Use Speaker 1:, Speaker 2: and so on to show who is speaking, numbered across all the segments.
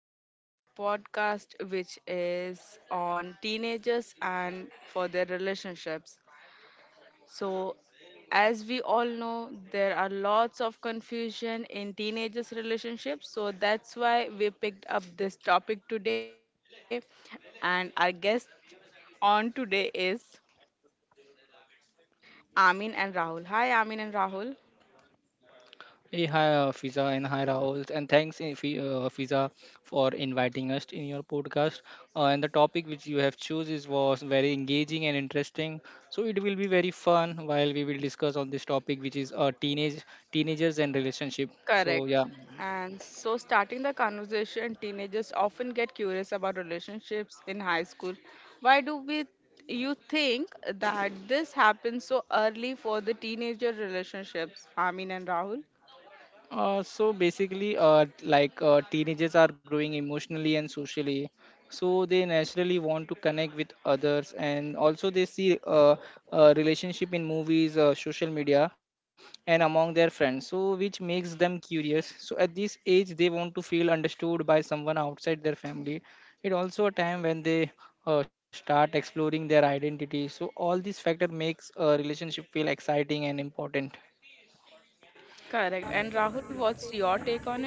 Speaker 1: today on our podcast, which is on teenagers and for their relationships. So, as we all know, there are lots of confusion in teenagers' relationships. So, that's why we picked up this topic today. And our guest on today is Amin and Rahul. Hi, Amin and Rahul.
Speaker 2: Hey, hi, Fiza, and hi, Rahul. And thanks, Fiza, for inviting us in your podcast. And the topic which you have choose is was very engaging and interesting. So it will be very fun while we will discuss on this topic, which is teenagers and relationship. So
Speaker 1: Correct.
Speaker 2: yeah.
Speaker 1: And so, starting the conversation, teenagers often get curious about relationships in high school. Why do we, you think that this happens so early for the teenager relationships, Amin and Rahul?
Speaker 2: So basically, teenagers are growing emotionally and socially, so they naturally want to connect with others, and also they see relationship in movies, social media, and among their friends. So which makes them curious. So at this age, they want to feel understood by someone outside their family. It also a time when they start exploring their identity. So all these factor makes a relationship feel exciting and important.
Speaker 1: Correct. And Rahul, what's your take on it?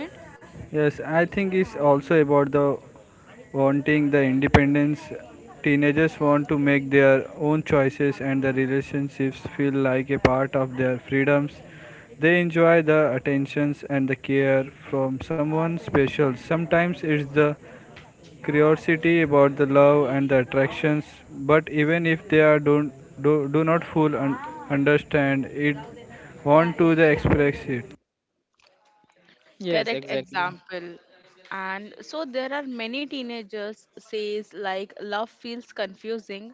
Speaker 3: Yes, I think it's also about the wanting the independence. Teenagers want to make their own choices and the relationships feel like a part of their freedoms. They enjoy the attentions and the care from someone special. Sometimes it's the curiosity about the love and the attractions, but even if they are don't do not full understand it want to the express it.
Speaker 2: Yes,
Speaker 1: Correct
Speaker 2: exactly.
Speaker 1: example. And so there are many teenagers says like love feels confusing,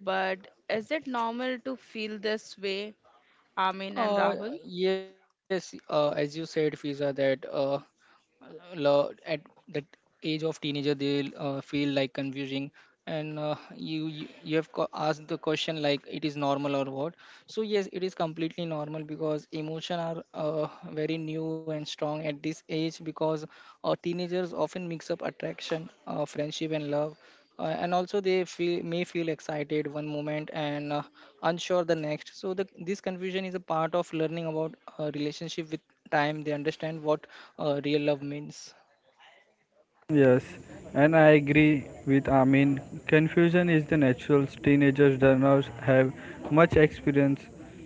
Speaker 1: but is it normal to feel this way, Amin and
Speaker 2: Uh,
Speaker 1: Rahul?
Speaker 2: yes, as you said, Fiza, that at that age of teenager, they feel like confusing, and you have asked the question like it is normal or what. So yes, it is completely normal because emotion are very new and strong at this age because teenagers often mix up attraction, friendship, and love, and also they feel may feel excited one moment and unsure the next. So this confusion is a part of learning about relationship. With time they understand what real love means.
Speaker 3: Yes, and I agree with Amin. Confusion is the natural. Teenagers do not have much experience,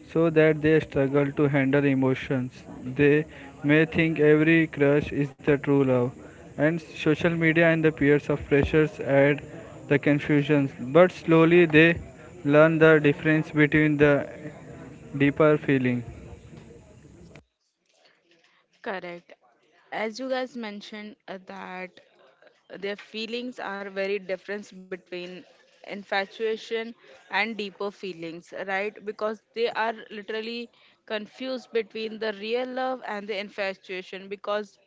Speaker 3: so that they struggle to handle emotions. They may think every crush is the true love, and social media and the peers of pressures add the confusions. But slowly they learn the difference between the deeper feeling.
Speaker 1: Correct. As you guys mentioned, that their feelings are very different between infatuation and deeper feelings, right? Because they are literally confused between the real love and the infatuation because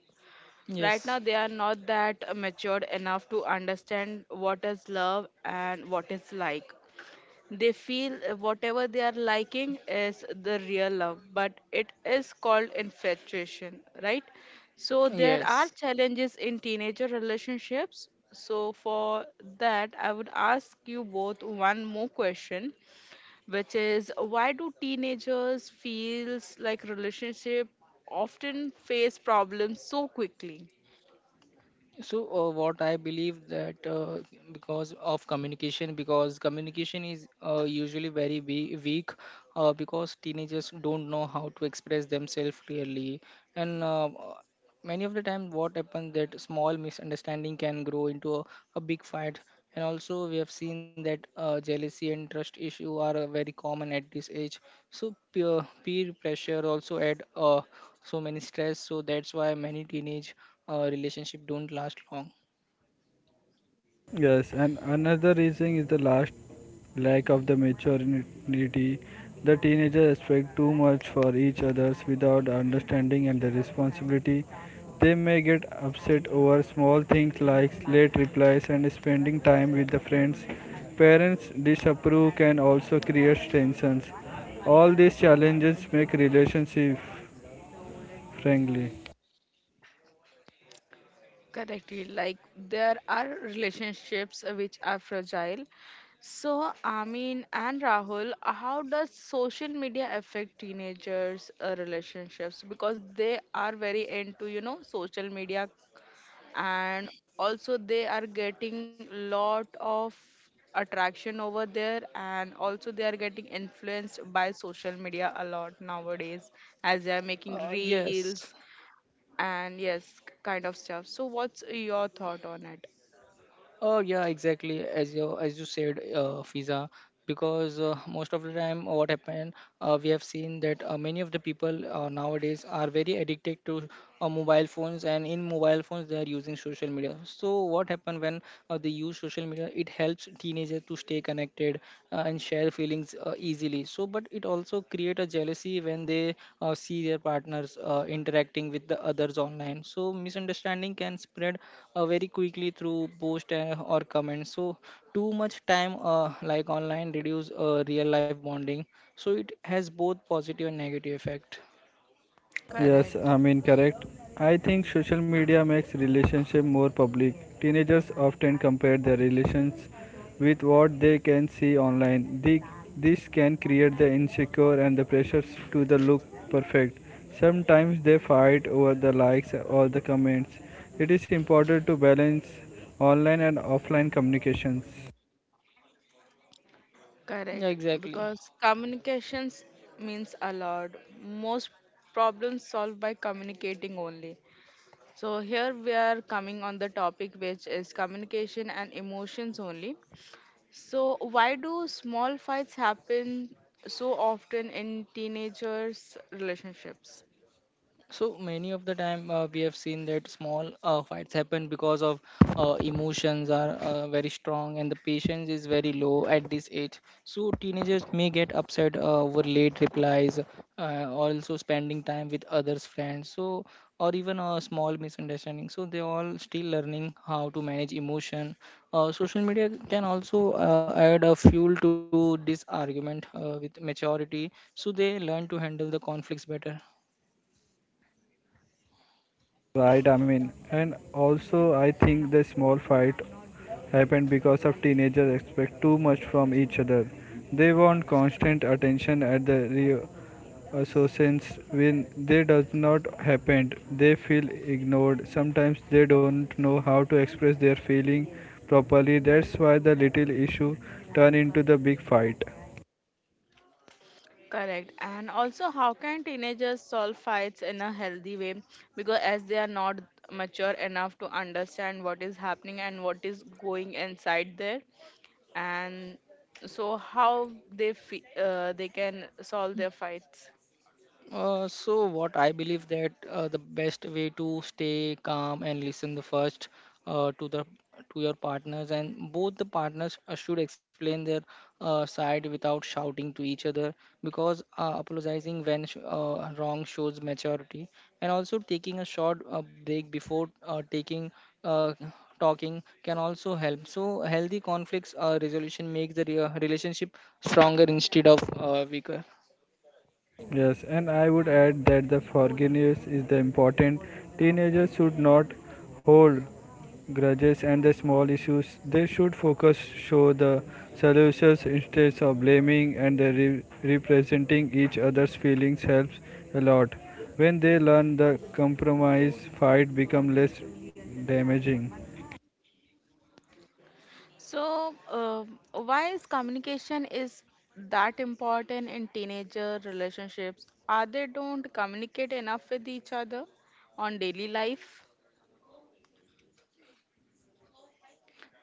Speaker 2: Yes,
Speaker 1: right now they are not that matured enough to understand what is love and what is like they feel whatever they are liking is the real love, but it is called infatuation, right? So there
Speaker 2: yes.
Speaker 1: are challenges in teenager relationships. So for that, I would ask you both one more question, which is why do teenagers feels like relationship often face problems so quickly?
Speaker 2: So what I believe that because of communication, because communication is usually very weak, because teenagers don't know how to express themselves clearly, and many of the time what happens that small misunderstanding can grow into a big fight, and also we have seen that jealousy and trust issue are very common at this age. So peer pressure also add so many stress. So that's why many teenage relationship don't last long.
Speaker 3: Yes, and another reason is the last lack of the maturity. The teenagers expect too much for each others without understanding and the responsibility. They may get upset over small things like late replies and spending time with the friends. Parents disapprove can also create tensions. All these challenges make relationship friendly.
Speaker 1: Correctly, like there are relationships which are fragile. So, Amin and Rahul, how does social media affect teenagers' relationships? Because they are very into, you know, social media and also they are getting lot of attraction over there and also they are getting influenced by social media a lot nowadays as they are
Speaker 2: uh,
Speaker 1: making
Speaker 2: yes
Speaker 1: reels and yes kind of stuff, so what's your thought on it?
Speaker 2: Oh yeah, exactly. As you said, Fiza, because most of the time, what happened, we have seen that many of the people nowadays are very addicted to mobile phones, and in mobile phones they are using social media. So what happened when they use social media? It helps teenagers to stay connected and their feelings easily, so but it also create a jealousy when they see their partners interacting with the others online. So misunderstanding can spread very quickly through post or comments. So too much time like online reduce real life bonding. So it has both positive and negative effect.
Speaker 3: Yes, I
Speaker 1: Correct.
Speaker 3: mean correct. I think social media makes relationship more public. Teenagers often compare their relations with what they can see online. This can create the insecure and the pressures to the look perfect. Sometimes they fight over the likes or the comments. It is important to balance online and offline communications.
Speaker 2: Yeah,
Speaker 1: Correct,
Speaker 2: exactly.
Speaker 1: because communications means a lot. Most problems solved by communicating only. So here we are coming on the topic which is communication and emotions only. So why do small fights happen so often in teenagers relationships?
Speaker 2: So many of the time we have seen that small fights happen because of emotions are very strong and the patience is very low at this age. So teenagers may get upset over late replies, also spending time with others' friends. So or even a small misunderstanding. So they all still learning how to manage emotion. Social media can also add a fuel to this argument with maturity. So they learn to handle the conflicts better.
Speaker 3: Right, I mean, and also I think the small fight happened because of teenagers expect too much from each other. They want constant attention at the reassurance when they does not happen. They feel ignored. Sometimes they don't know how to express their feeling properly. That's why the little issue turn into the big fight.
Speaker 1: Correct. And also, how can teenagers solve fights in a healthy way? Because as they are not mature enough to understand what is happening and what is going inside there, and so how they can solve their fights.
Speaker 2: So what I believe that the best way to stay calm and listen the first to the to your partners, and both the partners should explain their side without shouting to each other, because apologizing when wrong shows maturity, and also taking a short break before taking uh, talking can also help. So healthy conflicts resolution makes the relationship stronger instead of weaker.
Speaker 3: Yes, and I would add that the forgiveness is the important. Teenagers should not hold grudges and the small issues. They should focus show the solutions instead of blaming and the representing each other's feelings helps a lot. When they learn the compromise, fight become less damaging.
Speaker 1: So, why is communication is that important in teenager relationships? Are they don't communicate enough with each other on daily life?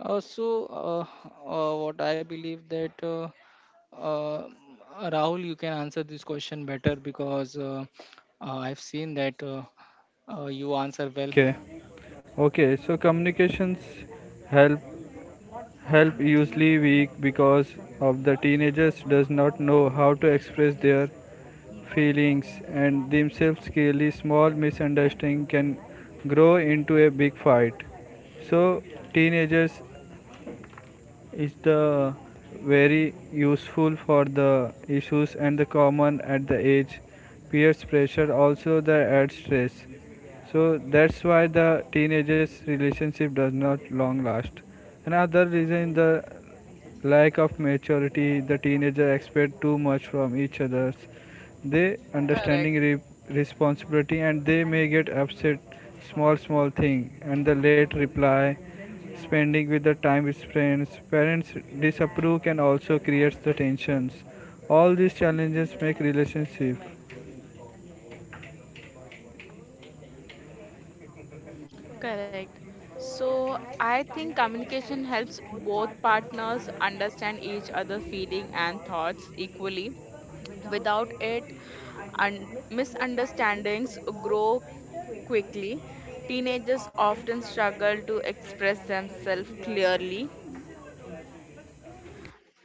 Speaker 2: Uh, so, uh, what I believe that uh, Rahul, you can answer this question better because I've seen that you answer well.
Speaker 3: Okay. Okay, so communications help help usually weak because of the teenagers does not know how to express their feelings and themselves clearly, small misunderstanding can grow into a big fight, so teenagers is the very useful for the issues and the common at the age, peers pressure also the add stress, so that's why the teenagers relationship does not long last, another reason the lack of maturity, the teenager expect too much from each other. They understanding
Speaker 1: Correct.
Speaker 3: responsibility and they may get upset small small thing and the late reply spending with the time with friends parents disapprove can also create the tensions all these challenges make relationship.
Speaker 1: Correct. So I think communication helps both partners understand each other's feeling and thoughts equally. Without it, misunderstandings grow quickly. Teenagers often struggle to express themselves clearly,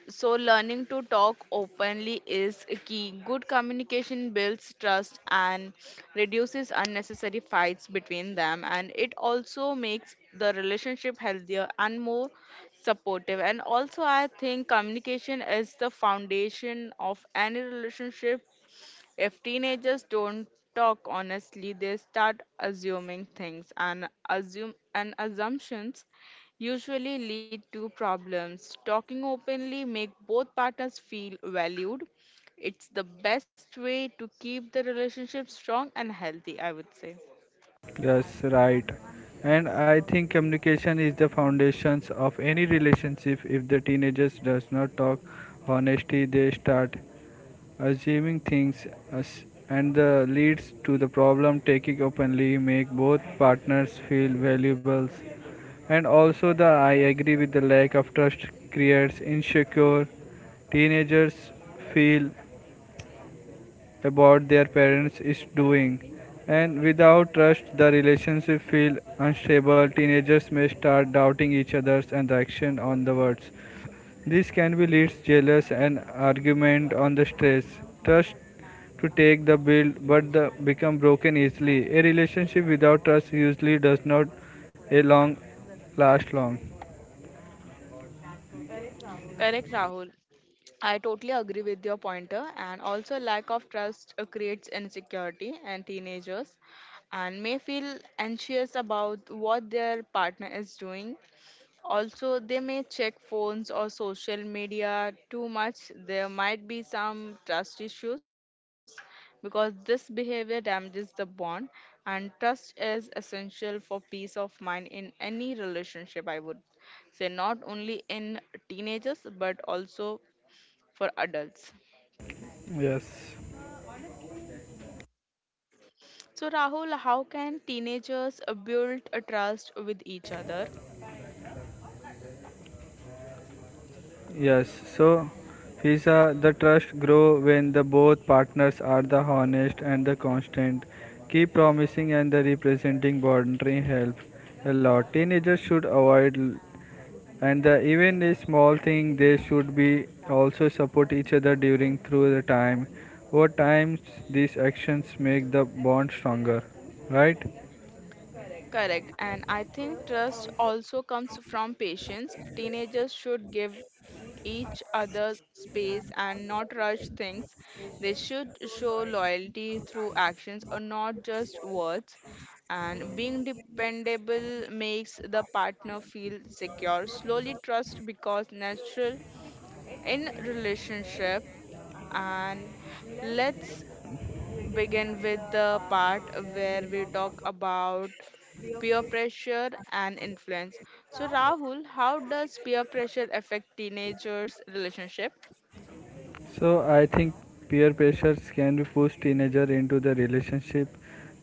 Speaker 1: so learning to talk openly is key. Good communication builds trust and reduces unnecessary fights between them, and it also makes the relationship healthier and more supportive. And also, I think communication is the foundation of any relationship. If teenagers don't talk honestly, they start assuming things and assume and assumptions usually lead to problems. Talking openly make both partners feel valued. It's the best way to keep the relationship strong and healthy, I would say.
Speaker 3: Yes, right. And I think communication is the foundations of any relationship. If the teenagers does not talk honesty, they start assuming things and the leads to the problem taking openly make both partners feel valuable, and also the I agree with the lack of trust creates insecure teenagers feel about their parents is doing. And without trust, the relationship feel unstable. Teenagers may start doubting each other's and the action on the words. This can be leads jealous and argument on the stress. Trust to take the build but the become broken easily. A relationship without trust usually does not a long last long.
Speaker 1: Correct, Rahul. I totally agree with your pointer, and also lack of trust creates insecurity, and teenagers and may feel anxious about what their partner is doing. Also, they may check phones or social media too much. There might be some trust issues because this behavior damages the bond, and trust is essential for peace of mind in any relationship. I would say not only in teenagers but also for adults.
Speaker 3: Yes.
Speaker 1: So, Rahul, how can teenagers build a trust with each other?
Speaker 3: Yes, so visa the trust grow when the both partners are the honest and the constant. Keep promising and the representing boundary help a lot. Teenagers should avoid and the, even a small thing they should be also support each other during through the time. Over time, these actions make the bond stronger, right?
Speaker 1: Correct. And I think trust also comes from patience. Teenagers should give each other space and not rush things. They should show loyalty through actions or not just words. And being dependable makes the partner feel secure. Slowly, trust becomes natural in relationship. And let's begin with the part where we talk about peer pressure and influence. So, Rahul, how does peer pressure affect teenagers' relationship?
Speaker 3: So I think peer pressures can be push teenager into the relationship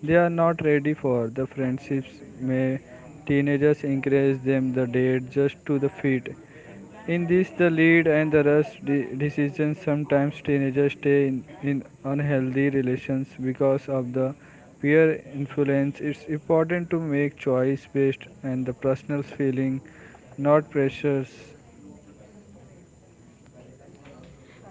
Speaker 3: they are not ready for. The friendships may teenagers encourage them the date just to the feet. In this, the lead and the rush decisions sometimes teenagers stay in unhealthy relations because of the peer influence. It's important to make choice based and the personal feeling, not pressures.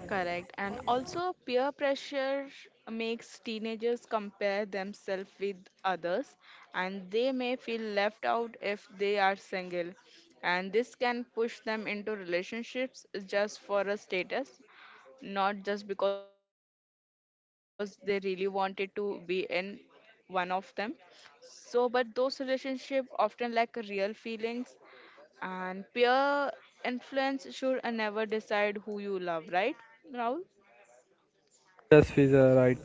Speaker 1: Correct. And also, peer pressure makes teenagers compare themselves with others, and they may feel left out if they are single. And this can push them into relationships just for a status, not just because they really wanted to be in one of them. So, but those relationships often lack real feelings, and peer influence should never decide who you love, right, Raul?
Speaker 3: Just is right.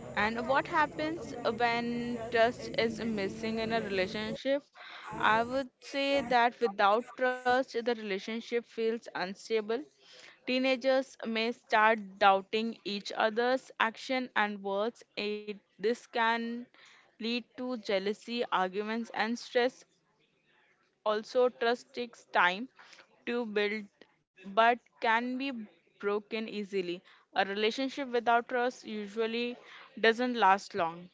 Speaker 1: And what happens when trust is missing in a relationship? I would say that without trust, the relationship feels unstable. Teenagers may start doubting each other's action and words. This can lead to jealousy, arguments, and stress. Also, trust takes time to build but can be broken easily. A relationship without trust usually doesn't last long.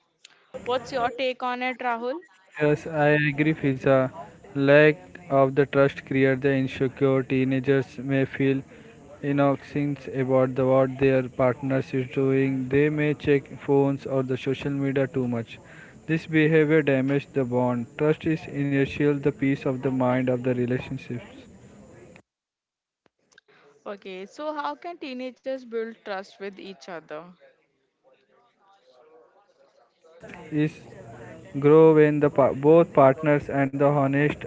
Speaker 1: What's your take on it, Rahul?
Speaker 3: Yes, I agree, Fiza. Lack of the trust creates the insecure. Teenagers may feel innocent about the, what their partners is doing. They may check phones or the social media too much. This behavior damages the bond. Trust is initial. The peace of the mind of the relationships
Speaker 1: Okay, so how can teenagers build trust with each other?
Speaker 3: is grow when the both partners and the honest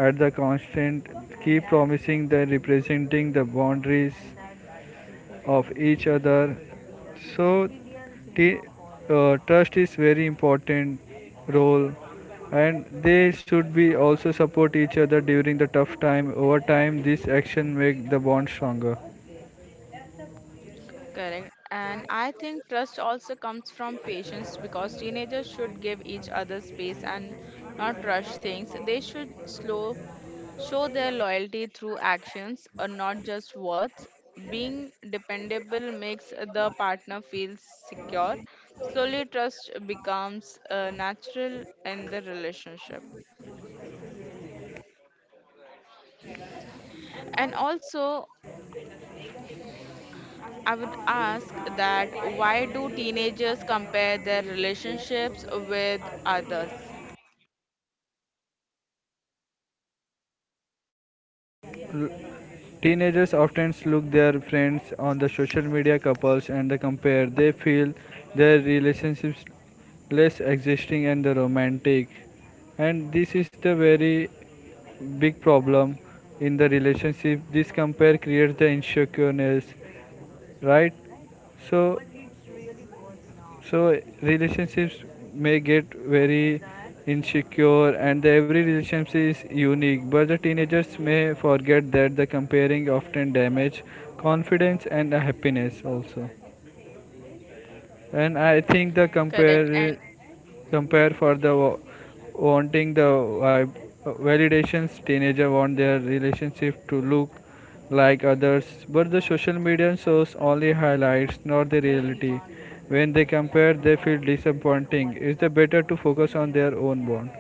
Speaker 3: at the constant, keep promising the representing the boundaries of each other. So, t- trust is very important role, and they should be also support each other during the tough time. Over time, this action make the bond stronger.
Speaker 1: Correct. And I think trust also comes from patience because teenagers should give each other space and not rush things. They should slow show their loyalty through actions or not just words. Being dependable makes the partner feel secure. Slowly trust becomes natural in the relationship. And also I would ask that why do teenagers compare their relationships with others?
Speaker 3: L- Teenagers often look their friends on the social media couples and they compare. They feel their relationships less existing and the romantic. And this is the very big problem in the relationship. This compare creates the insecureness, right? So so relationships may get very insecure and the every relationship is unique but the teenagers may forget that the comparing often damage confidence and happiness also, and I think the
Speaker 1: Correct. And
Speaker 3: compare for the wanting the validations teenager want their relationship to look like others but the social media shows only highlights not the reality, when they compare they feel disappointing, it's the better to focus on their own bond.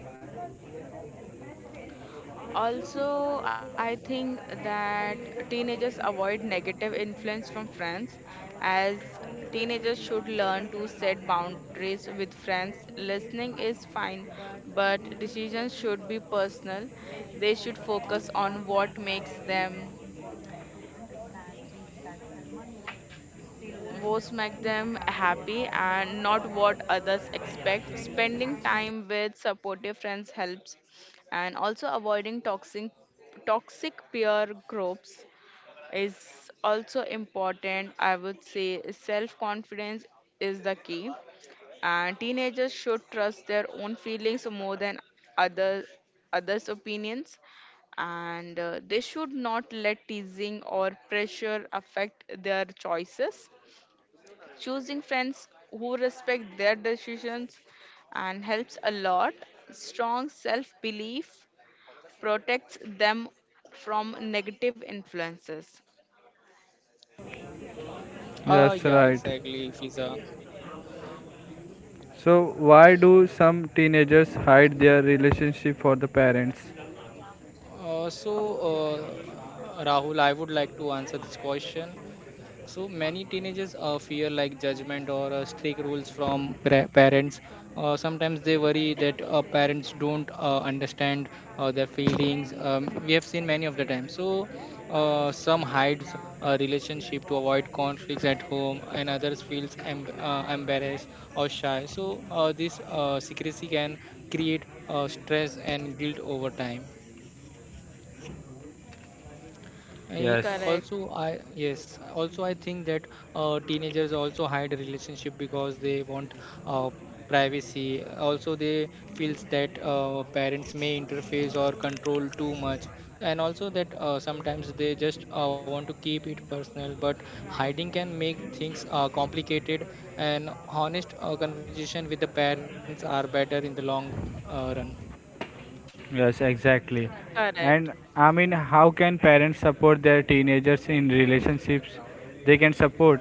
Speaker 1: also, I think that teenagers avoid negative influence from friends, as teenagers should learn to set boundaries with friends. Listening is fine, but decisions should be personal. They should focus on what's make them happy and not what others expect. Spending time with supportive friends helps, and also avoiding toxic peer groups is also important. I would say self confidence is the key, and teenagers should trust their own feelings more than other others' opinions, and they should not let teasing or pressure affect their choices, choosing friends who respect their decisions and helps a lot. Strong self belief protects them from negative influences.
Speaker 2: Yeah,
Speaker 3: That's right.
Speaker 2: exactly, Fiza.
Speaker 3: So why do some teenagers hide their relationship for the parents?
Speaker 2: Rahul, I would like to answer this question. So many teenagers fear like judgment or strict rules from parents. Sometimes they worry that parents don't understand their feelings. We have seen many of the time. So some hides a relationship to avoid conflicts at home, and others feels embarrassed or shy. So this secrecy can create stress and guilt over time. I
Speaker 3: Yes.
Speaker 2: also
Speaker 1: Correct,
Speaker 2: I yes also I think that teenagers also hide relationship because they want uh, privacy. Also they feels that parents may interface or control too much, and also that sometimes they just want to keep it personal. But hiding can make things complicated, and honest conversation with the parents are better in the long run.
Speaker 3: Yes, exactly. And
Speaker 1: correct,
Speaker 3: I mean, how can parents support their teenagers in relationships? They can support.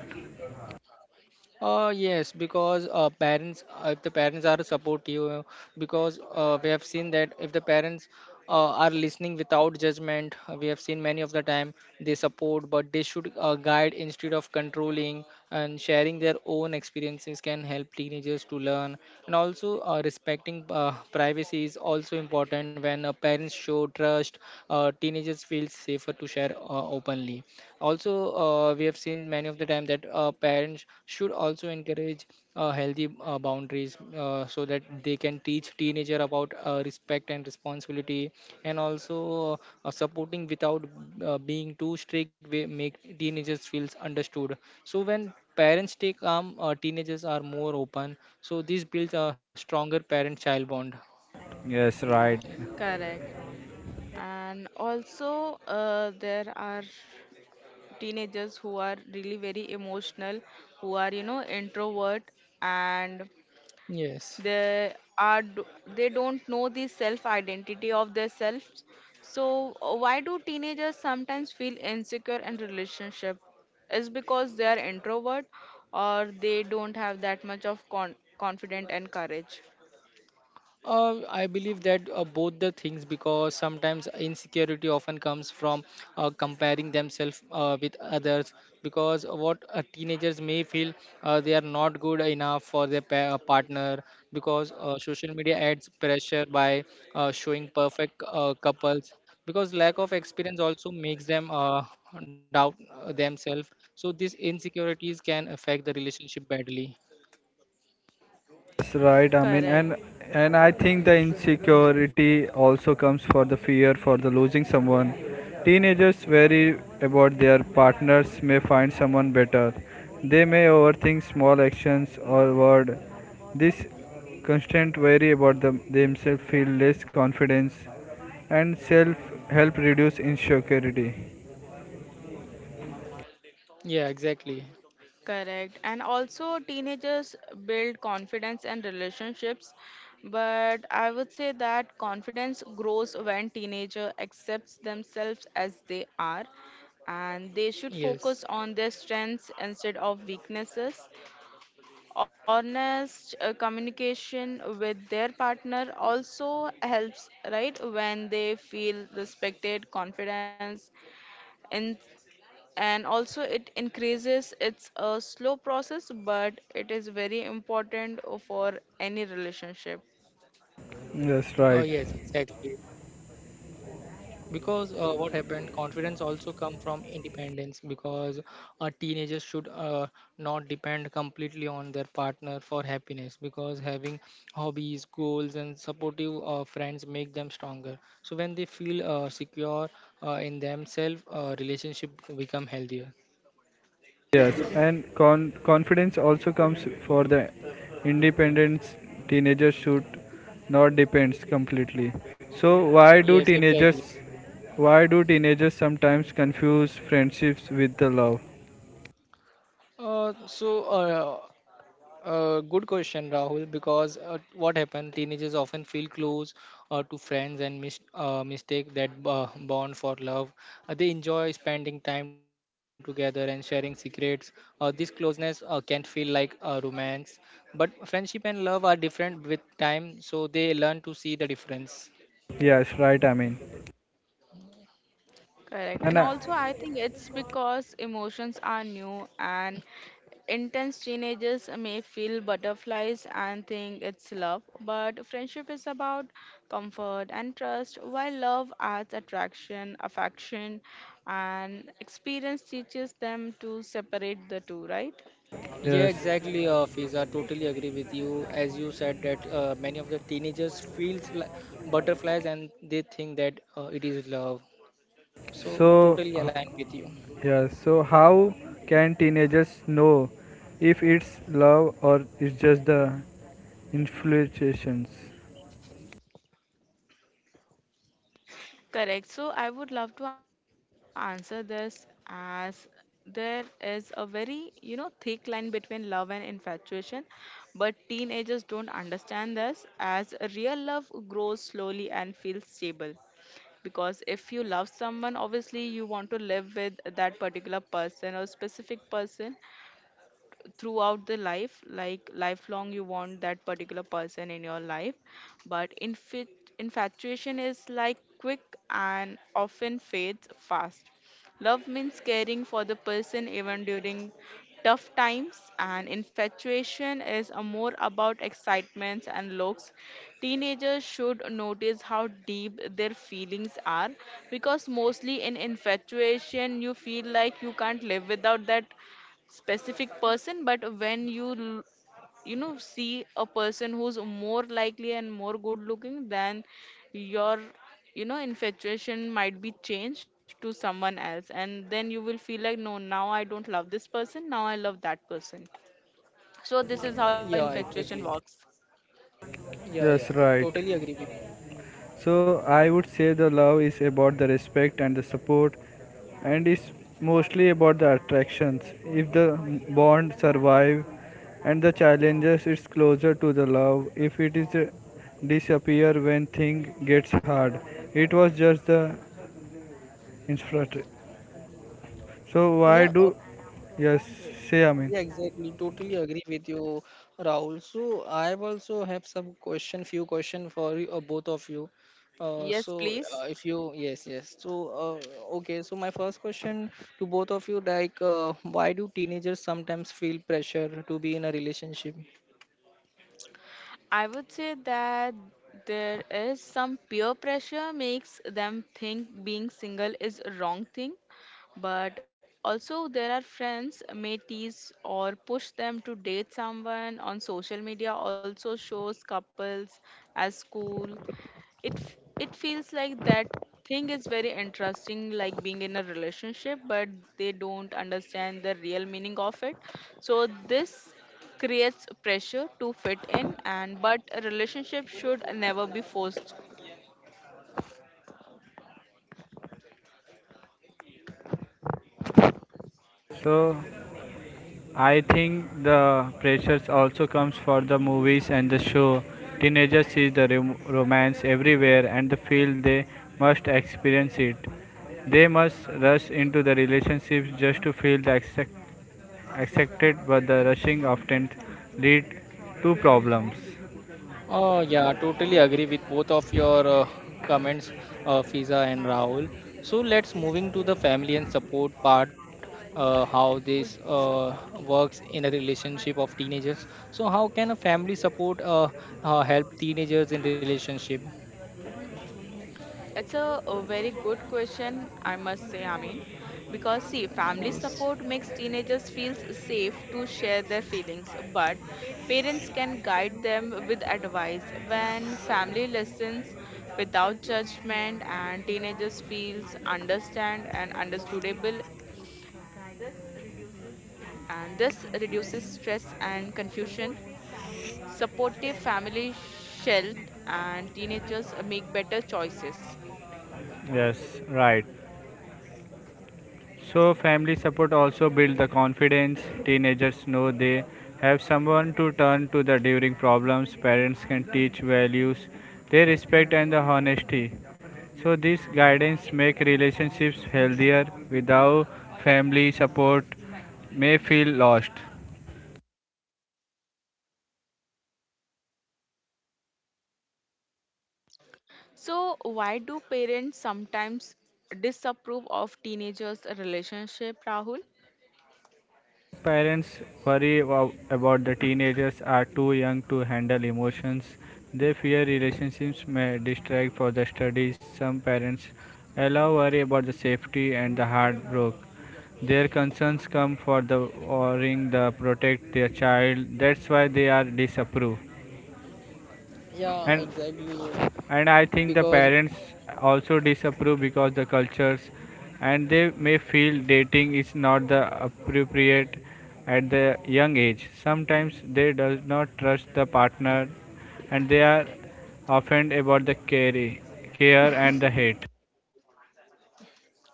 Speaker 2: Yes, because parents, if the parents are supportive, because we have seen that if the parents are listening without judgment, we have seen many of the time they support, but they should guide instead of controlling, and sharing their own experiences can help teenagers to learn. And also, respecting privacy is also important. When parents show trust, teenagers feel safer to share openly. Also, we have seen many of the time that parents should also encourage healthy boundaries, so that they can teach teenager about respect and responsibility. And also, supporting without being too strict will make teenagers feels understood. So when parents stay calm, teenagers are more open. So this builds a stronger parent child bond.
Speaker 3: Yes, right.
Speaker 1: correct. And also there are teenagers who are really very emotional, who are, you know, introvert, and
Speaker 2: Yes.
Speaker 1: they are d- they don't know the self identity of their selves. So why do teenagers sometimes feel insecure in relationship? Is because they are introvert or they don't have that much of confidence and courage?
Speaker 2: I believe that both the things, because sometimes insecurity often comes from comparing themselves with others, because what teenagers may feel they are not good enough for their partner, because social media adds pressure by showing perfect couples, because lack of experience also makes them doubt themselves. So these insecurities can affect the relationship badly.
Speaker 3: That's right. I mean,
Speaker 1: Correct.
Speaker 3: and I think the insecurity also comes for the fear for the losing someone. Teenagers worry about their partners may find someone better. They may overthink small actions or word. This constant worry about themselves feel less confidence and self help reduce insecurity.
Speaker 2: Yeah, exactly.
Speaker 1: Correct. And also, teenagers build confidence and relationships. But I would say that confidence grows when teenager accepts themselves as they are, and they should
Speaker 2: Yes.
Speaker 1: focus on their strengths instead of weaknesses. Honest communication with their partner also helps, right? When they feel respected, confidence, in and also it increases. It's a slow process but it is very important for any relationship.
Speaker 3: That's
Speaker 2: Oh
Speaker 3: right.
Speaker 2: yes, exactly, because what happened confidence also come from independence, because a teenager should not depend completely on their partner for happiness, because having hobbies, goals and supportive friends make them stronger. So when they feel secure in themselves, relationship become healthier.
Speaker 3: Yes, and confidence also comes for the independence, teenagers should not depends completely. So
Speaker 2: Yes, exactly.
Speaker 3: why do teenagers sometimes confuse friendships with the love?
Speaker 2: uh, so uh, Good question, Rahul. Because what happened? Teenagers often feel close to friends and mistake that bond for love. They enjoy spending time together and sharing secrets. This closeness can feel like a romance, but friendship and love are different. With time, so they learn to see the difference.
Speaker 3: Yes, right, I mean.
Speaker 1: Correct. And
Speaker 3: And
Speaker 1: also I think it's because emotions are new and intense. Teenagers may feel butterflies and think it's love, but friendship is about comfort and trust, while love adds attraction, affection, and experience teaches them to separate the two, right?
Speaker 2: Yeah,
Speaker 3: yes.
Speaker 2: exactly, Fiza. Totally agree with you. As you said that many of the teenagers feels like butterflies and they think that it is love. So
Speaker 3: So
Speaker 2: totally aligned with you.
Speaker 3: yes, so how can teenagers know if it's love or it's just the influences?
Speaker 1: Correct. So I would love to answer this as there is a very, you know, thick line between love and infatuation, but teenagers don't understand this as real love grows slowly and feels stable. Because if you love someone, obviously you want to live with that particular person or specific person, throughout the life, like lifelong you want that particular person in your life. But infatuation is like quick and often fades fast. Love means caring for the person even during tough times, and infatuation is a more about excitements and looks. Teenagers should notice how deep their feelings are, because mostly in infatuation you feel like you can't live without that specific person, but when you know, see a person who's more likely and more good looking, then your, you know, infatuation might be changed to someone else and then you will feel like, no, now I don't love this person, now I love that person. So this is how
Speaker 2: Yeah,
Speaker 1: infatuation
Speaker 2: exactly.
Speaker 1: works.
Speaker 2: Yeah, I
Speaker 3: Yes, right.
Speaker 2: totally agree with.
Speaker 3: So I would say the love is about the respect and the support, and it's mostly about the attractions. If the bond survive and the challenges, it's closer to the love. If it is disappear when thing gets hard, it was just the infrastructure. So why
Speaker 2: Yeah, uh,
Speaker 3: do yes say I mean.
Speaker 2: yeah, exactly. Totally agree with you, Rahul. So I also have some few question for you, both of you.
Speaker 1: Yes, please.
Speaker 2: If you, yes, yes. So okay. So my first question to both of you, like, why do teenagers sometimes feel pressure to be in a relationship?
Speaker 1: I would say that there is some peer pressure makes them think being single is a wrong thing, but also there are friends may tease or push them to date someone. On social media also shows couples as cool. It feels like that thing is very interesting, like being in a relationship, but they don't understand the real meaning of it. So this creates pressure to fit in, and but a relationship should never be forced.
Speaker 3: So I think the pressures also comes for the movies and the show. Teenagers see the romance everywhere and they feel they must experience it. They must rush into the relationships just to feel the accepted, but the rushing often lead to problems.
Speaker 2: Oh, yeah, totally agree with both of your comments, Fiza and Rahul. So let's moving to the family and support part, how this works in a relationship of teenagers. So how can a family support help teenagers in relationship?
Speaker 1: It's a very good question, I must say, I mean, because see, family
Speaker 2: Yes.
Speaker 1: support makes teenagers feel safe to share their feelings, but parents can guide them with advice. When family listens without judgment and teenagers feels understand and understandable, and this reduces stress and confusion. Supportive family shelt and teenagers make better choices.
Speaker 3: Yes, right. So, family support also builds the confidence. Teenagers know they have someone to turn to the during problems. Parents can teach values, their respect and the honesty. So, this guidance make relationships healthier. Without family support, may feel lost.
Speaker 1: So, why do parents sometimes disapprove of teenagers' relationship, Rahul?
Speaker 3: Parents worry about the teenagers are too young to handle emotions. They fear relationships may distract for the studies. Some parents allow worry about the safety and the heartbreak. Their concerns come for the worrying the protect their child. That's why they are disapproved.
Speaker 2: Yeah,
Speaker 3: And
Speaker 2: exactly.
Speaker 3: and I think the
Speaker 2: Because
Speaker 3: parents also disapprove because the cultures and they may feel dating is not the appropriate at the young age, sometimes they does not trust the partner and they are offended about the care and the hate,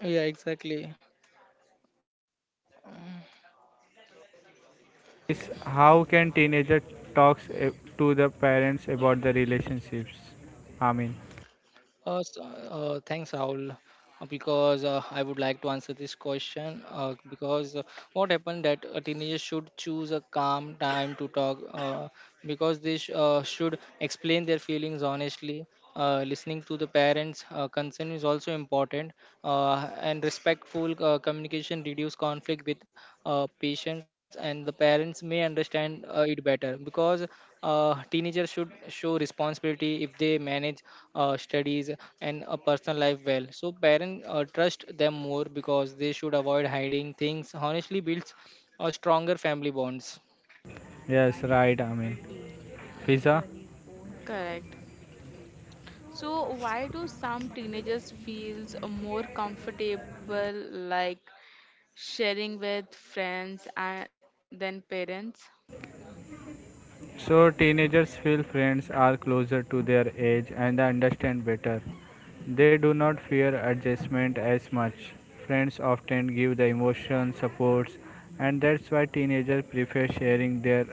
Speaker 2: yeah, exactly.
Speaker 3: is how can teenager talks to the parents about the relationships, I mean.
Speaker 2: Thanks, Rahul, because I would like to answer this question. Because what happened that a teenager should choose a calm time to talk, because they should explain their feelings honestly. Listening to the parents' concern is also important, and respectful communication reduce conflict with patients, and the parents may understand it better, because teenagers should show responsibility. If they manage studies and a personal life well, so parents trust them more, because they should avoid hiding things. Honestly builds a stronger family bonds.
Speaker 3: Yes, right, I mean, Fiza.
Speaker 1: Correct. So, why do some teenagers feels more comfortable like sharing with friends and than parents?
Speaker 3: So teenagers feel friends are closer to their age and they understand better. They do not fear adjustment as much. Friends often give the emotion supports and that's why teenagers prefer sharing their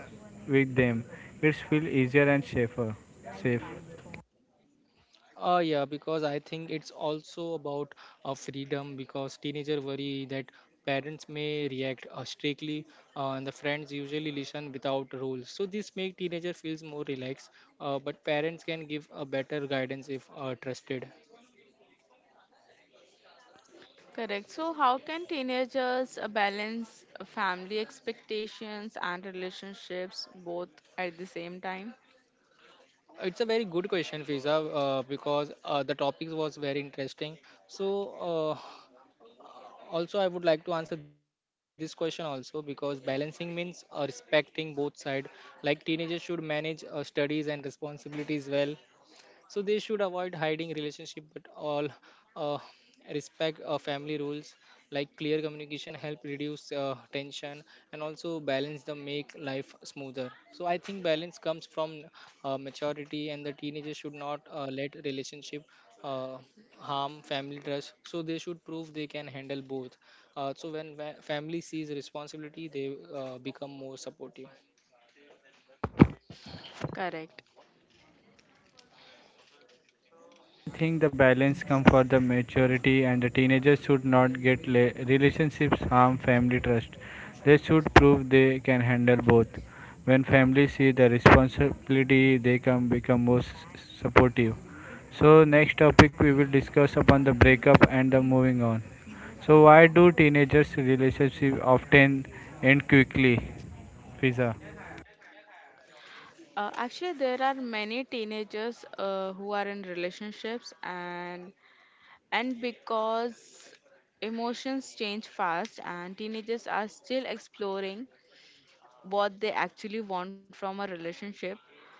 Speaker 3: with them. It's feel easier and safer. Safe.
Speaker 2: Yeah, because I think it's also about freedom, because teenager worry that parents may react strictly, and the friends usually listen without rules. So this make teenager feels more relaxed, but parents can give a better guidance if trusted.
Speaker 1: Correct. So, how can teenagers balance family expectations and relationships both at the same time?
Speaker 2: It's a very good question, Fiza, because the topic was very interesting. So uh, Also I would like to answer this question also because balancing means respecting both side, like teenagers should manage studies and responsibilities well, so they should avoid hiding relationship but all uh, respect family rules. Like clear communication help reduce tension, and also balance the make life smoother. So I think balance comes from maturity, and the teenagers should not let relationship uh, harm family trust, so they should prove they can handle both. So when family sees responsibility they become more supportive.
Speaker 1: Correct.
Speaker 3: I think the balance comes for the maturity and the teenagers should not get relationships harm family trust. They should prove they can handle both. When families see the responsibility, they can become more supportive. So next topic we will discuss upon the breakup and the moving on. So why do teenagers relationship often end quickly? Fiza.
Speaker 1: Actually, there are many teenagers who are in relationships, and because emotions change fast, and teenagers are still exploring what they actually want from a relationship.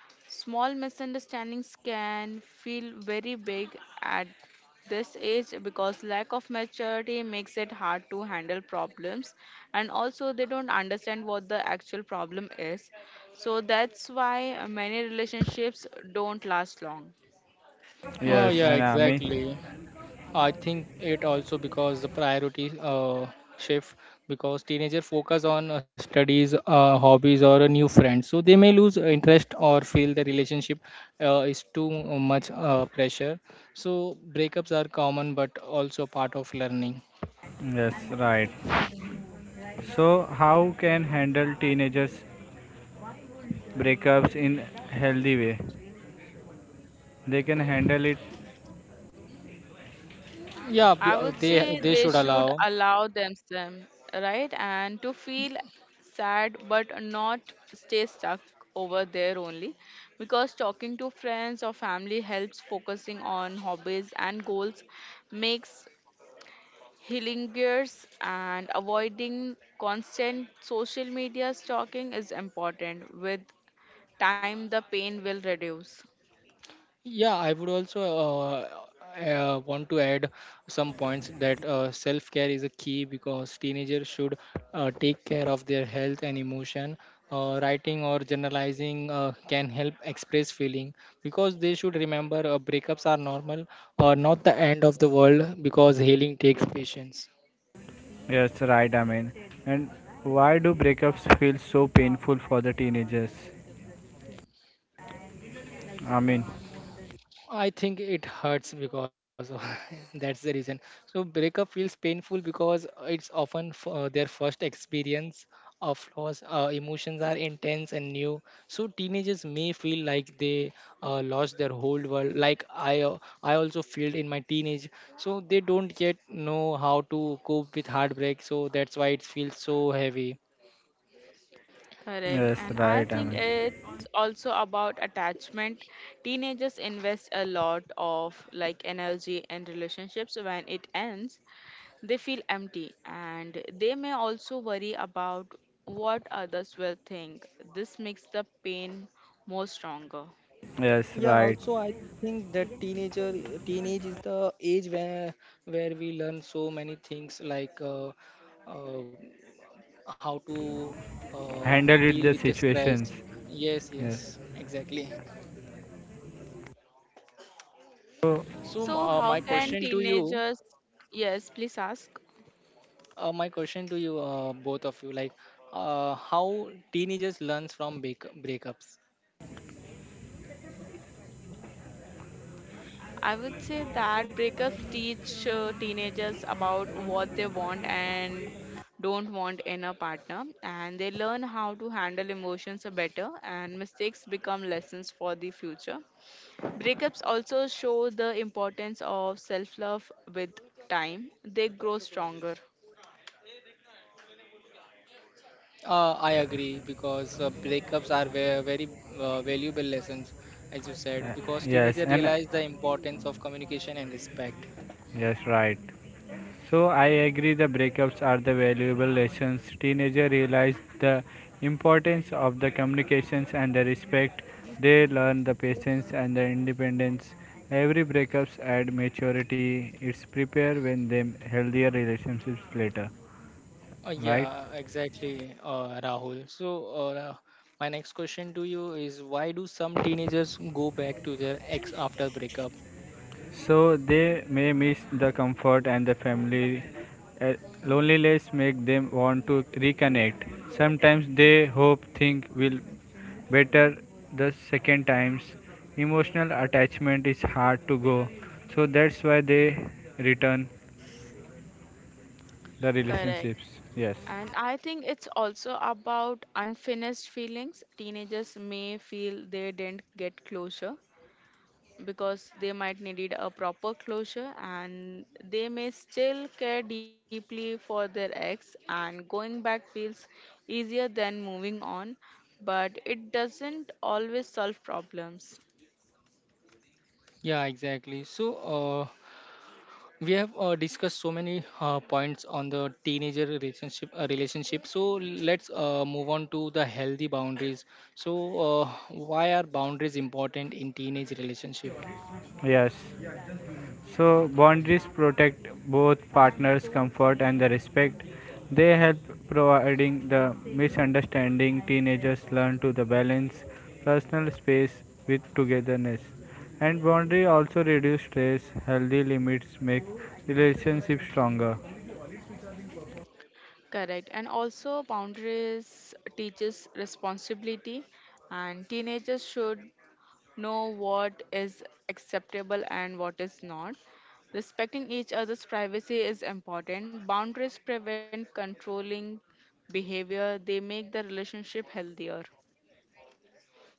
Speaker 1: Small misunderstandings can feel very big at this age because lack of maturity makes it hard to handle problems, and also they don't understand what the actual problem is, so that's why many relationships don't last long.
Speaker 2: Oh
Speaker 3: Yes,
Speaker 2: yeah,
Speaker 3: and Ami.
Speaker 2: exactly. I think it also because the priority shift, because teenager focus on studies, hobbies, or a new friend, so they may lose interest or feel the relationship is too much pressure. So breakups are common, but also part of learning.
Speaker 3: Yes, right. So how can handle teenagers breakups in healthy way they can handle it,
Speaker 2: Yeah,
Speaker 1: I would
Speaker 2: they
Speaker 1: say
Speaker 2: they should
Speaker 1: they should
Speaker 2: allow.
Speaker 1: allow themselves, right? And to feel sad but not stay stuck over there only. Because talking to friends or family helps, focusing on hobbies and goals makes healing gears, and avoiding constant social media stalking is important. With time, the pain will reduce.
Speaker 2: Yeah, I would also uh, want to add some points, that self care is a key, because teenagers should take care of their health and emotion. Writing or generalizing can help express feeling, because they should remember breakups are normal or not the end of the world, because healing takes patience.
Speaker 3: yes right I mean, and why do breakups feel so painful for the teenagers, I mean.
Speaker 2: I think it hurts because. That's the reason. So breakup feels painful because it's often their first experience of loss. Emotions are intense and new, so teenagers may feel like they lost their whole world. Like I also feel in my teenage. So they don't yet know how to cope with heartbreak. So that's why it feels so heavy.
Speaker 1: Correct.
Speaker 3: Yes
Speaker 1: And I
Speaker 3: right I
Speaker 1: think
Speaker 3: mean,
Speaker 1: it's also about attachment. Teenagers invest a lot of like energy in relationships. When it ends, they feel empty and they may also worry about what others will think. This makes the pain more stronger.
Speaker 3: yes
Speaker 2: Yeah,
Speaker 3: right,
Speaker 2: also I think that teenage is the age where we learn so many things, like uh, how to uh,
Speaker 3: handle
Speaker 2: deal
Speaker 3: it
Speaker 2: with
Speaker 3: the
Speaker 2: the stress.
Speaker 3: situations,
Speaker 2: Yes,
Speaker 3: yes,
Speaker 2: yes, exactly.
Speaker 3: so
Speaker 2: So m- uh,
Speaker 1: So
Speaker 2: my
Speaker 1: how
Speaker 2: question
Speaker 1: can
Speaker 2: to you,
Speaker 1: teenagers. Yes, please ask.
Speaker 2: my question to you, both of you, like how teenagers learns from breakups.
Speaker 1: I would say that breakups teach teenagers about what they want and don't want in a partner, and they learn how to handle emotions better, and mistakes become lessons for the future. Breakups also show the importance of self love. With time, they grow stronger.
Speaker 2: I agree, because breakups are very valuable lessons, as you said, because
Speaker 3: yes
Speaker 2: teenagers
Speaker 3: and
Speaker 2: realize the importance of communication and respect.
Speaker 3: yes right. So I agree the breakups are the valuable lessons. Teenagers realize the importance of the communications and the respect. They learn the patience and the independence. Every breakups add maturity. It's prepare when them healthier relationships later. Right?
Speaker 2: Yeah, exactly, Rahul. My next question to you is, why do some teenagers go back to their ex after breakup?
Speaker 3: So they may miss the comfort and the family. Uh, loneliness make them want to reconnect. Sometimes they hope things will better the second times. Emotional attachment is hard to go. So that's why they return the
Speaker 1: Correct.
Speaker 3: relationships. Yes.
Speaker 1: And I think it's also about unfinished feelings. Teenagers may feel they didn't get closure, because they might needed a proper closure, and they may still care deeply for their ex, and going back feels easier than moving on, but it doesn't always solve problems.
Speaker 2: Yeah, exactly. We have discussed so many points on the teenager relationship relationship, so let's move on to the healthy boundaries. So why are boundaries important in teenage relationship?
Speaker 3: Yes. So, boundaries protect both partners' comfort and the respect. They help providing the misunderstanding teenagers learn to the balance personal space with togetherness. And boundary also reduce stress. Healthy limits make relationships stronger.
Speaker 1: Correct. And also, boundaries teaches responsibility, and teenagers should know what is acceptable and what is not. Respecting each other's privacy is important. Boundaries prevent controlling behavior, they make the relationship healthier.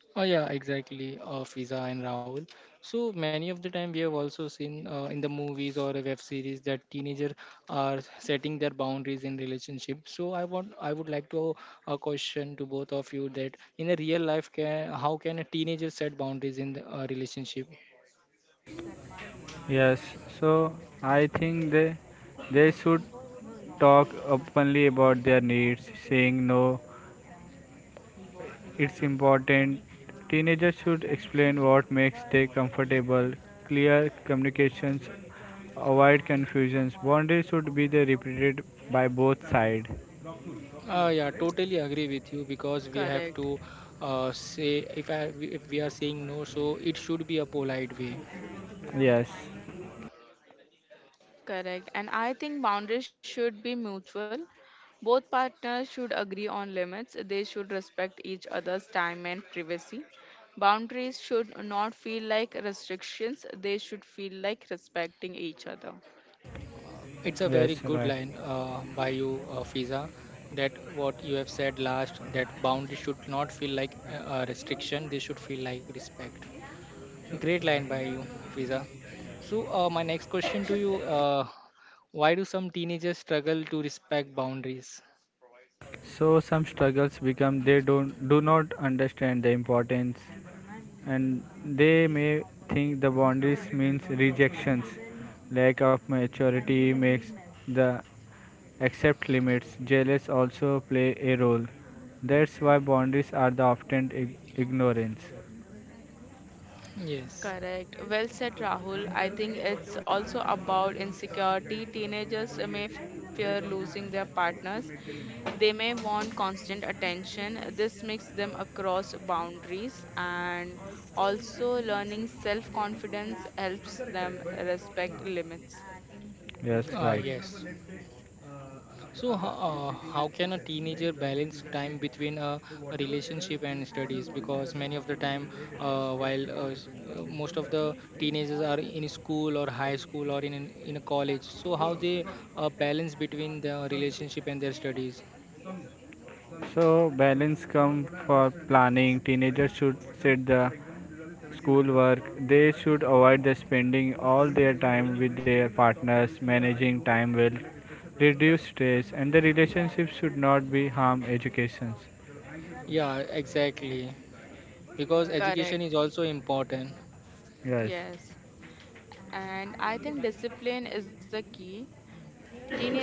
Speaker 2: Oh yeah, exactly. Fiza and Rahul. So many of the time we have also seen in the movies or a web series that teenagers are setting their boundaries in relationship. So I want, I would like to a question to both of you, that in a real life, can how can a teenager set boundaries in the, relationship?
Speaker 3: Yes, so I think they should talk openly about their needs, saying no. It's important teenagers should explain what makes them comfortable, clear communications, avoid confusions. Boundaries should be the repeated by both sides.
Speaker 2: Yeah, totally agree with you, because we have to
Speaker 1: Correct.
Speaker 2: say, if I if we are saying no, so it should be a polite way.
Speaker 3: Yes,
Speaker 1: Correct. And I think boundaries should be mutual. Both partners should agree on limits. They should respect each other's time and privacy. Boundaries should not feel like restrictions, they should feel like respecting each other.
Speaker 2: It's a very
Speaker 3: yes,
Speaker 2: good
Speaker 3: right.
Speaker 2: line by you, Fiza, that what you have said last, that boundaries should not feel like a restriction, they should feel like respect. Great line by you, Fiza. So my next question to you, why do some teenagers struggle to respect boundaries?
Speaker 3: So some struggles become they don't do not understand the importance and they may think the boundaries means rejections. Lack of maturity makes the accept limits. Jealous also play a role. That's why boundaries are the often ignorance.
Speaker 2: Yes,
Speaker 1: Correct. Well said, Rahul. I think it's also about insecurity. Teenagers may fear losing their partners. They may want constant attention. This makes them across boundaries, and also learning self confidence helps them respect limits.
Speaker 3: Yes, right.
Speaker 2: yes. So how can a teenager balance time between a relationship and studies? Because many of the time, while most of the teenagers are in school or high school or in a college, so how they balance between the relationship and their studies?
Speaker 3: So balance come for planning. Teenagers should set the school work, they should avoid the spending all their time with their partners. Managing time will reduce stress, and the relationship should not be harm education.
Speaker 2: Yeah, exactly. Because education
Speaker 1: Correct.
Speaker 2: is also important.
Speaker 3: Yes.
Speaker 1: Yes. And I think discipline is the key.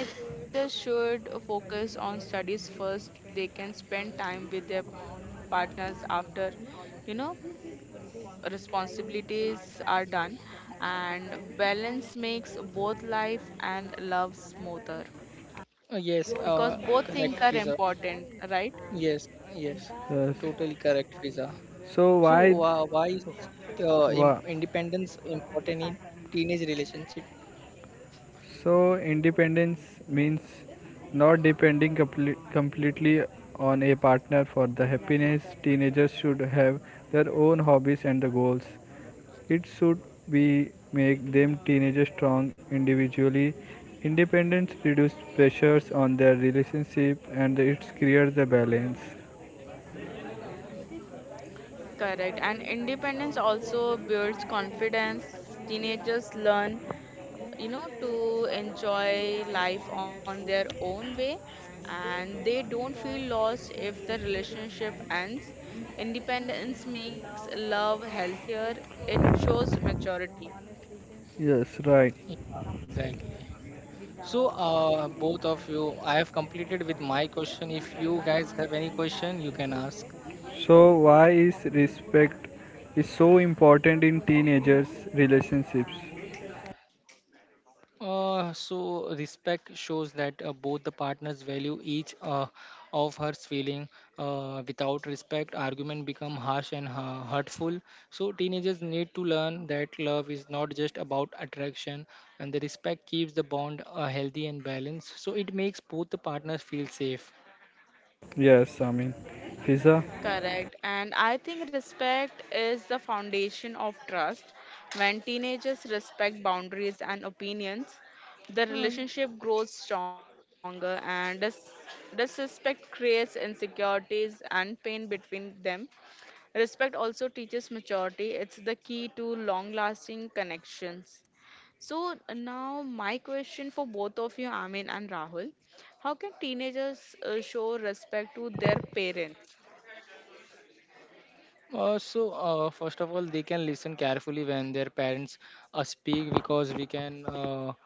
Speaker 1: Teenagers should focus on studies first. They can spend time with their partners after, you know, responsibilities are done, and balance makes both life and love smoother,
Speaker 2: Yes,
Speaker 1: because both
Speaker 2: correct,
Speaker 1: things are
Speaker 2: Fiza.
Speaker 1: important, right?
Speaker 2: Yes, yes,
Speaker 3: Yes.
Speaker 2: totally correct, Fiza.
Speaker 3: So
Speaker 2: So why is
Speaker 3: why
Speaker 2: independence important in teenage relationship?
Speaker 3: Independence means not depending completely on a partner for the happiness. Teenagers should have their own hobbies and the goals. It should be make them teenagers strong individually. Independence reduces pressures on their relationship and it creates the balance.
Speaker 1: Correct. And independence also builds confidence. Teenagers learn, you know, to enjoy life on their own way, and they don't feel lost if the relationship ends. Independence makes love healthier, it shows maturity.
Speaker 3: Yes, right.
Speaker 2: Yeah, exactly. So, both of you, I have completed with my question. If you guys have any question, you can ask.
Speaker 3: So why is respect is so important in teenagers relationships?
Speaker 2: So respect shows that both the partners value each of her feeling. Without respect, argument become harsh and hurtful. So teenagers need to learn that love is not just about attraction, and the respect keeps the bond healthy and balanced. So it makes both the partners feel safe.
Speaker 3: Yes, I mean, Fiza.
Speaker 1: Correct. And I think respect is the foundation of trust. When teenagers respect boundaries and opinions, the relationship grows stronger, and disrespect creates insecurities and pain between them. Respect also teaches maturity, it's the key to long lasting connections. So, now my question for both of you, Amin and Rahul, how can teenagers show respect to their parents?
Speaker 2: First of all, they can listen carefully when their parents speak, because we can, uh,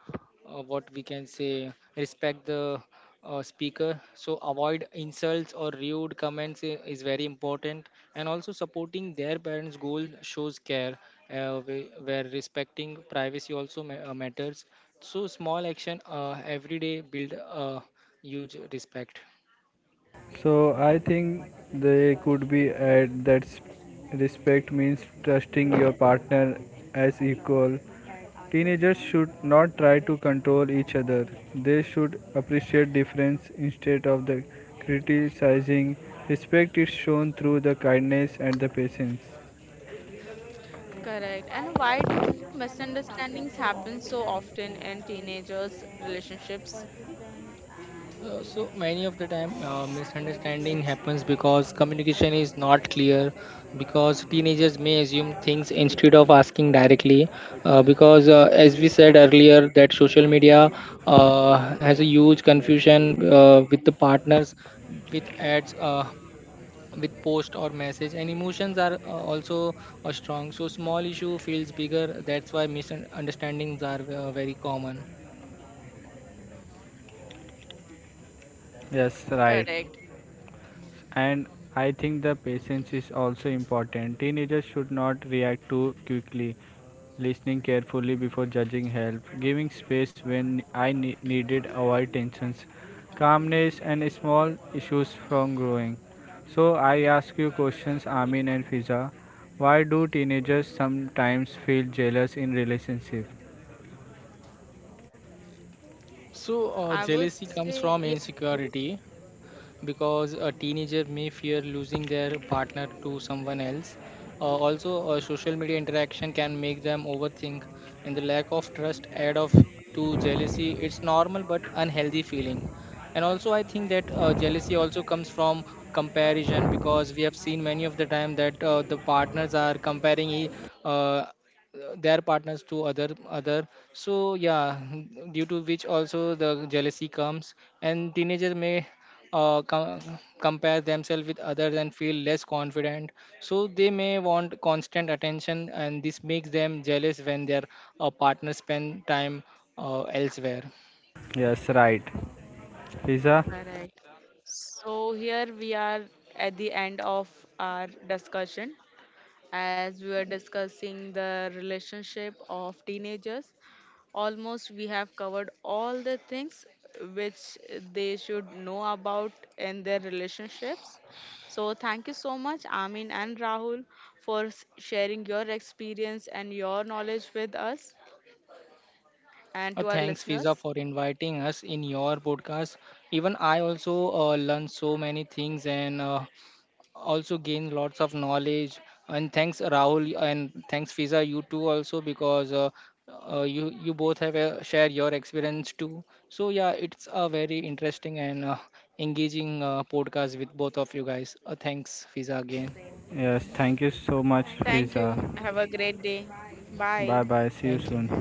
Speaker 2: uh, what we can say, respect the speaker. So, avoid insults or rude comments is very important. And also, supporting their parents' goal shows care, where respecting privacy also matters. So, small action every day build huge respect.
Speaker 3: So I think they could be at that respect means trusting your partner as equal. Teenagers should not try to control each other. They should appreciate difference instead of the criticizing. Respect is shown through the kindness and the patience.
Speaker 1: Correct. And why do misunderstandings happen so often in teenagers' relationships?
Speaker 2: So many of the time misunderstanding happens because communication is not clear, because teenagers may assume things instead of asking directly, because as we said earlier, that social media uh, has a huge confusion with the partners, with ads, with post or message, and emotions are also strong, so small issue feels bigger, that's why misunderstandings are very common.
Speaker 3: Yes, right.
Speaker 1: Correct.
Speaker 3: And I think the patience is also important, teenagers should not react too quickly, listening carefully before judging help, giving space when I needed avoid tensions, calmness and small issues from growing. So I ask you questions, Amin and Fiza, why do teenagers sometimes feel jealous in relationship?
Speaker 2: So
Speaker 1: I would
Speaker 2: jealousy comes
Speaker 1: say,
Speaker 2: from
Speaker 1: yes, please.
Speaker 2: insecurity, because a teenager may fear losing their partner to someone else. Also, social media interaction can make them overthink, and the lack of trust add off to jealousy. It's normal but unhealthy feeling. And also, I think that jealousy also comes from comparison, because we have seen many of the time that the partners are comparing uh, their partners to other. So yeah, due to which also the jealousy comes, and teenagers may uh, com- compare themselves with others and feel less confident, so they may want constant attention, and this makes them jealous when their partner spend time elsewhere.
Speaker 3: Yes, right, Fiza.
Speaker 1: Correct. So here we are at the end of our discussion, as we were discussing the relationship of teenagers. Almost we have covered all the things which they should know about in their relationships. So, thank you so much, Amin and Rahul, for sharing your experience and your knowledge with us and to our
Speaker 2: Thanks Fiza for
Speaker 1: listeners.
Speaker 2: inviting us in your podcast. Even I also learned so many things, and also gain lots of knowledge. And thanks Rahul, and thanks Fiza, you too also, because you both have share your experience too. So yeah, it's a very interesting and engaging podcast with both of you guys. Thanks Fiza again.
Speaker 3: Yes, thank you so much,
Speaker 1: Thank
Speaker 3: Fiza.
Speaker 1: you. Have a great day. Bye.
Speaker 3: Bye bye, see you
Speaker 2: Thank
Speaker 3: soon.
Speaker 2: you.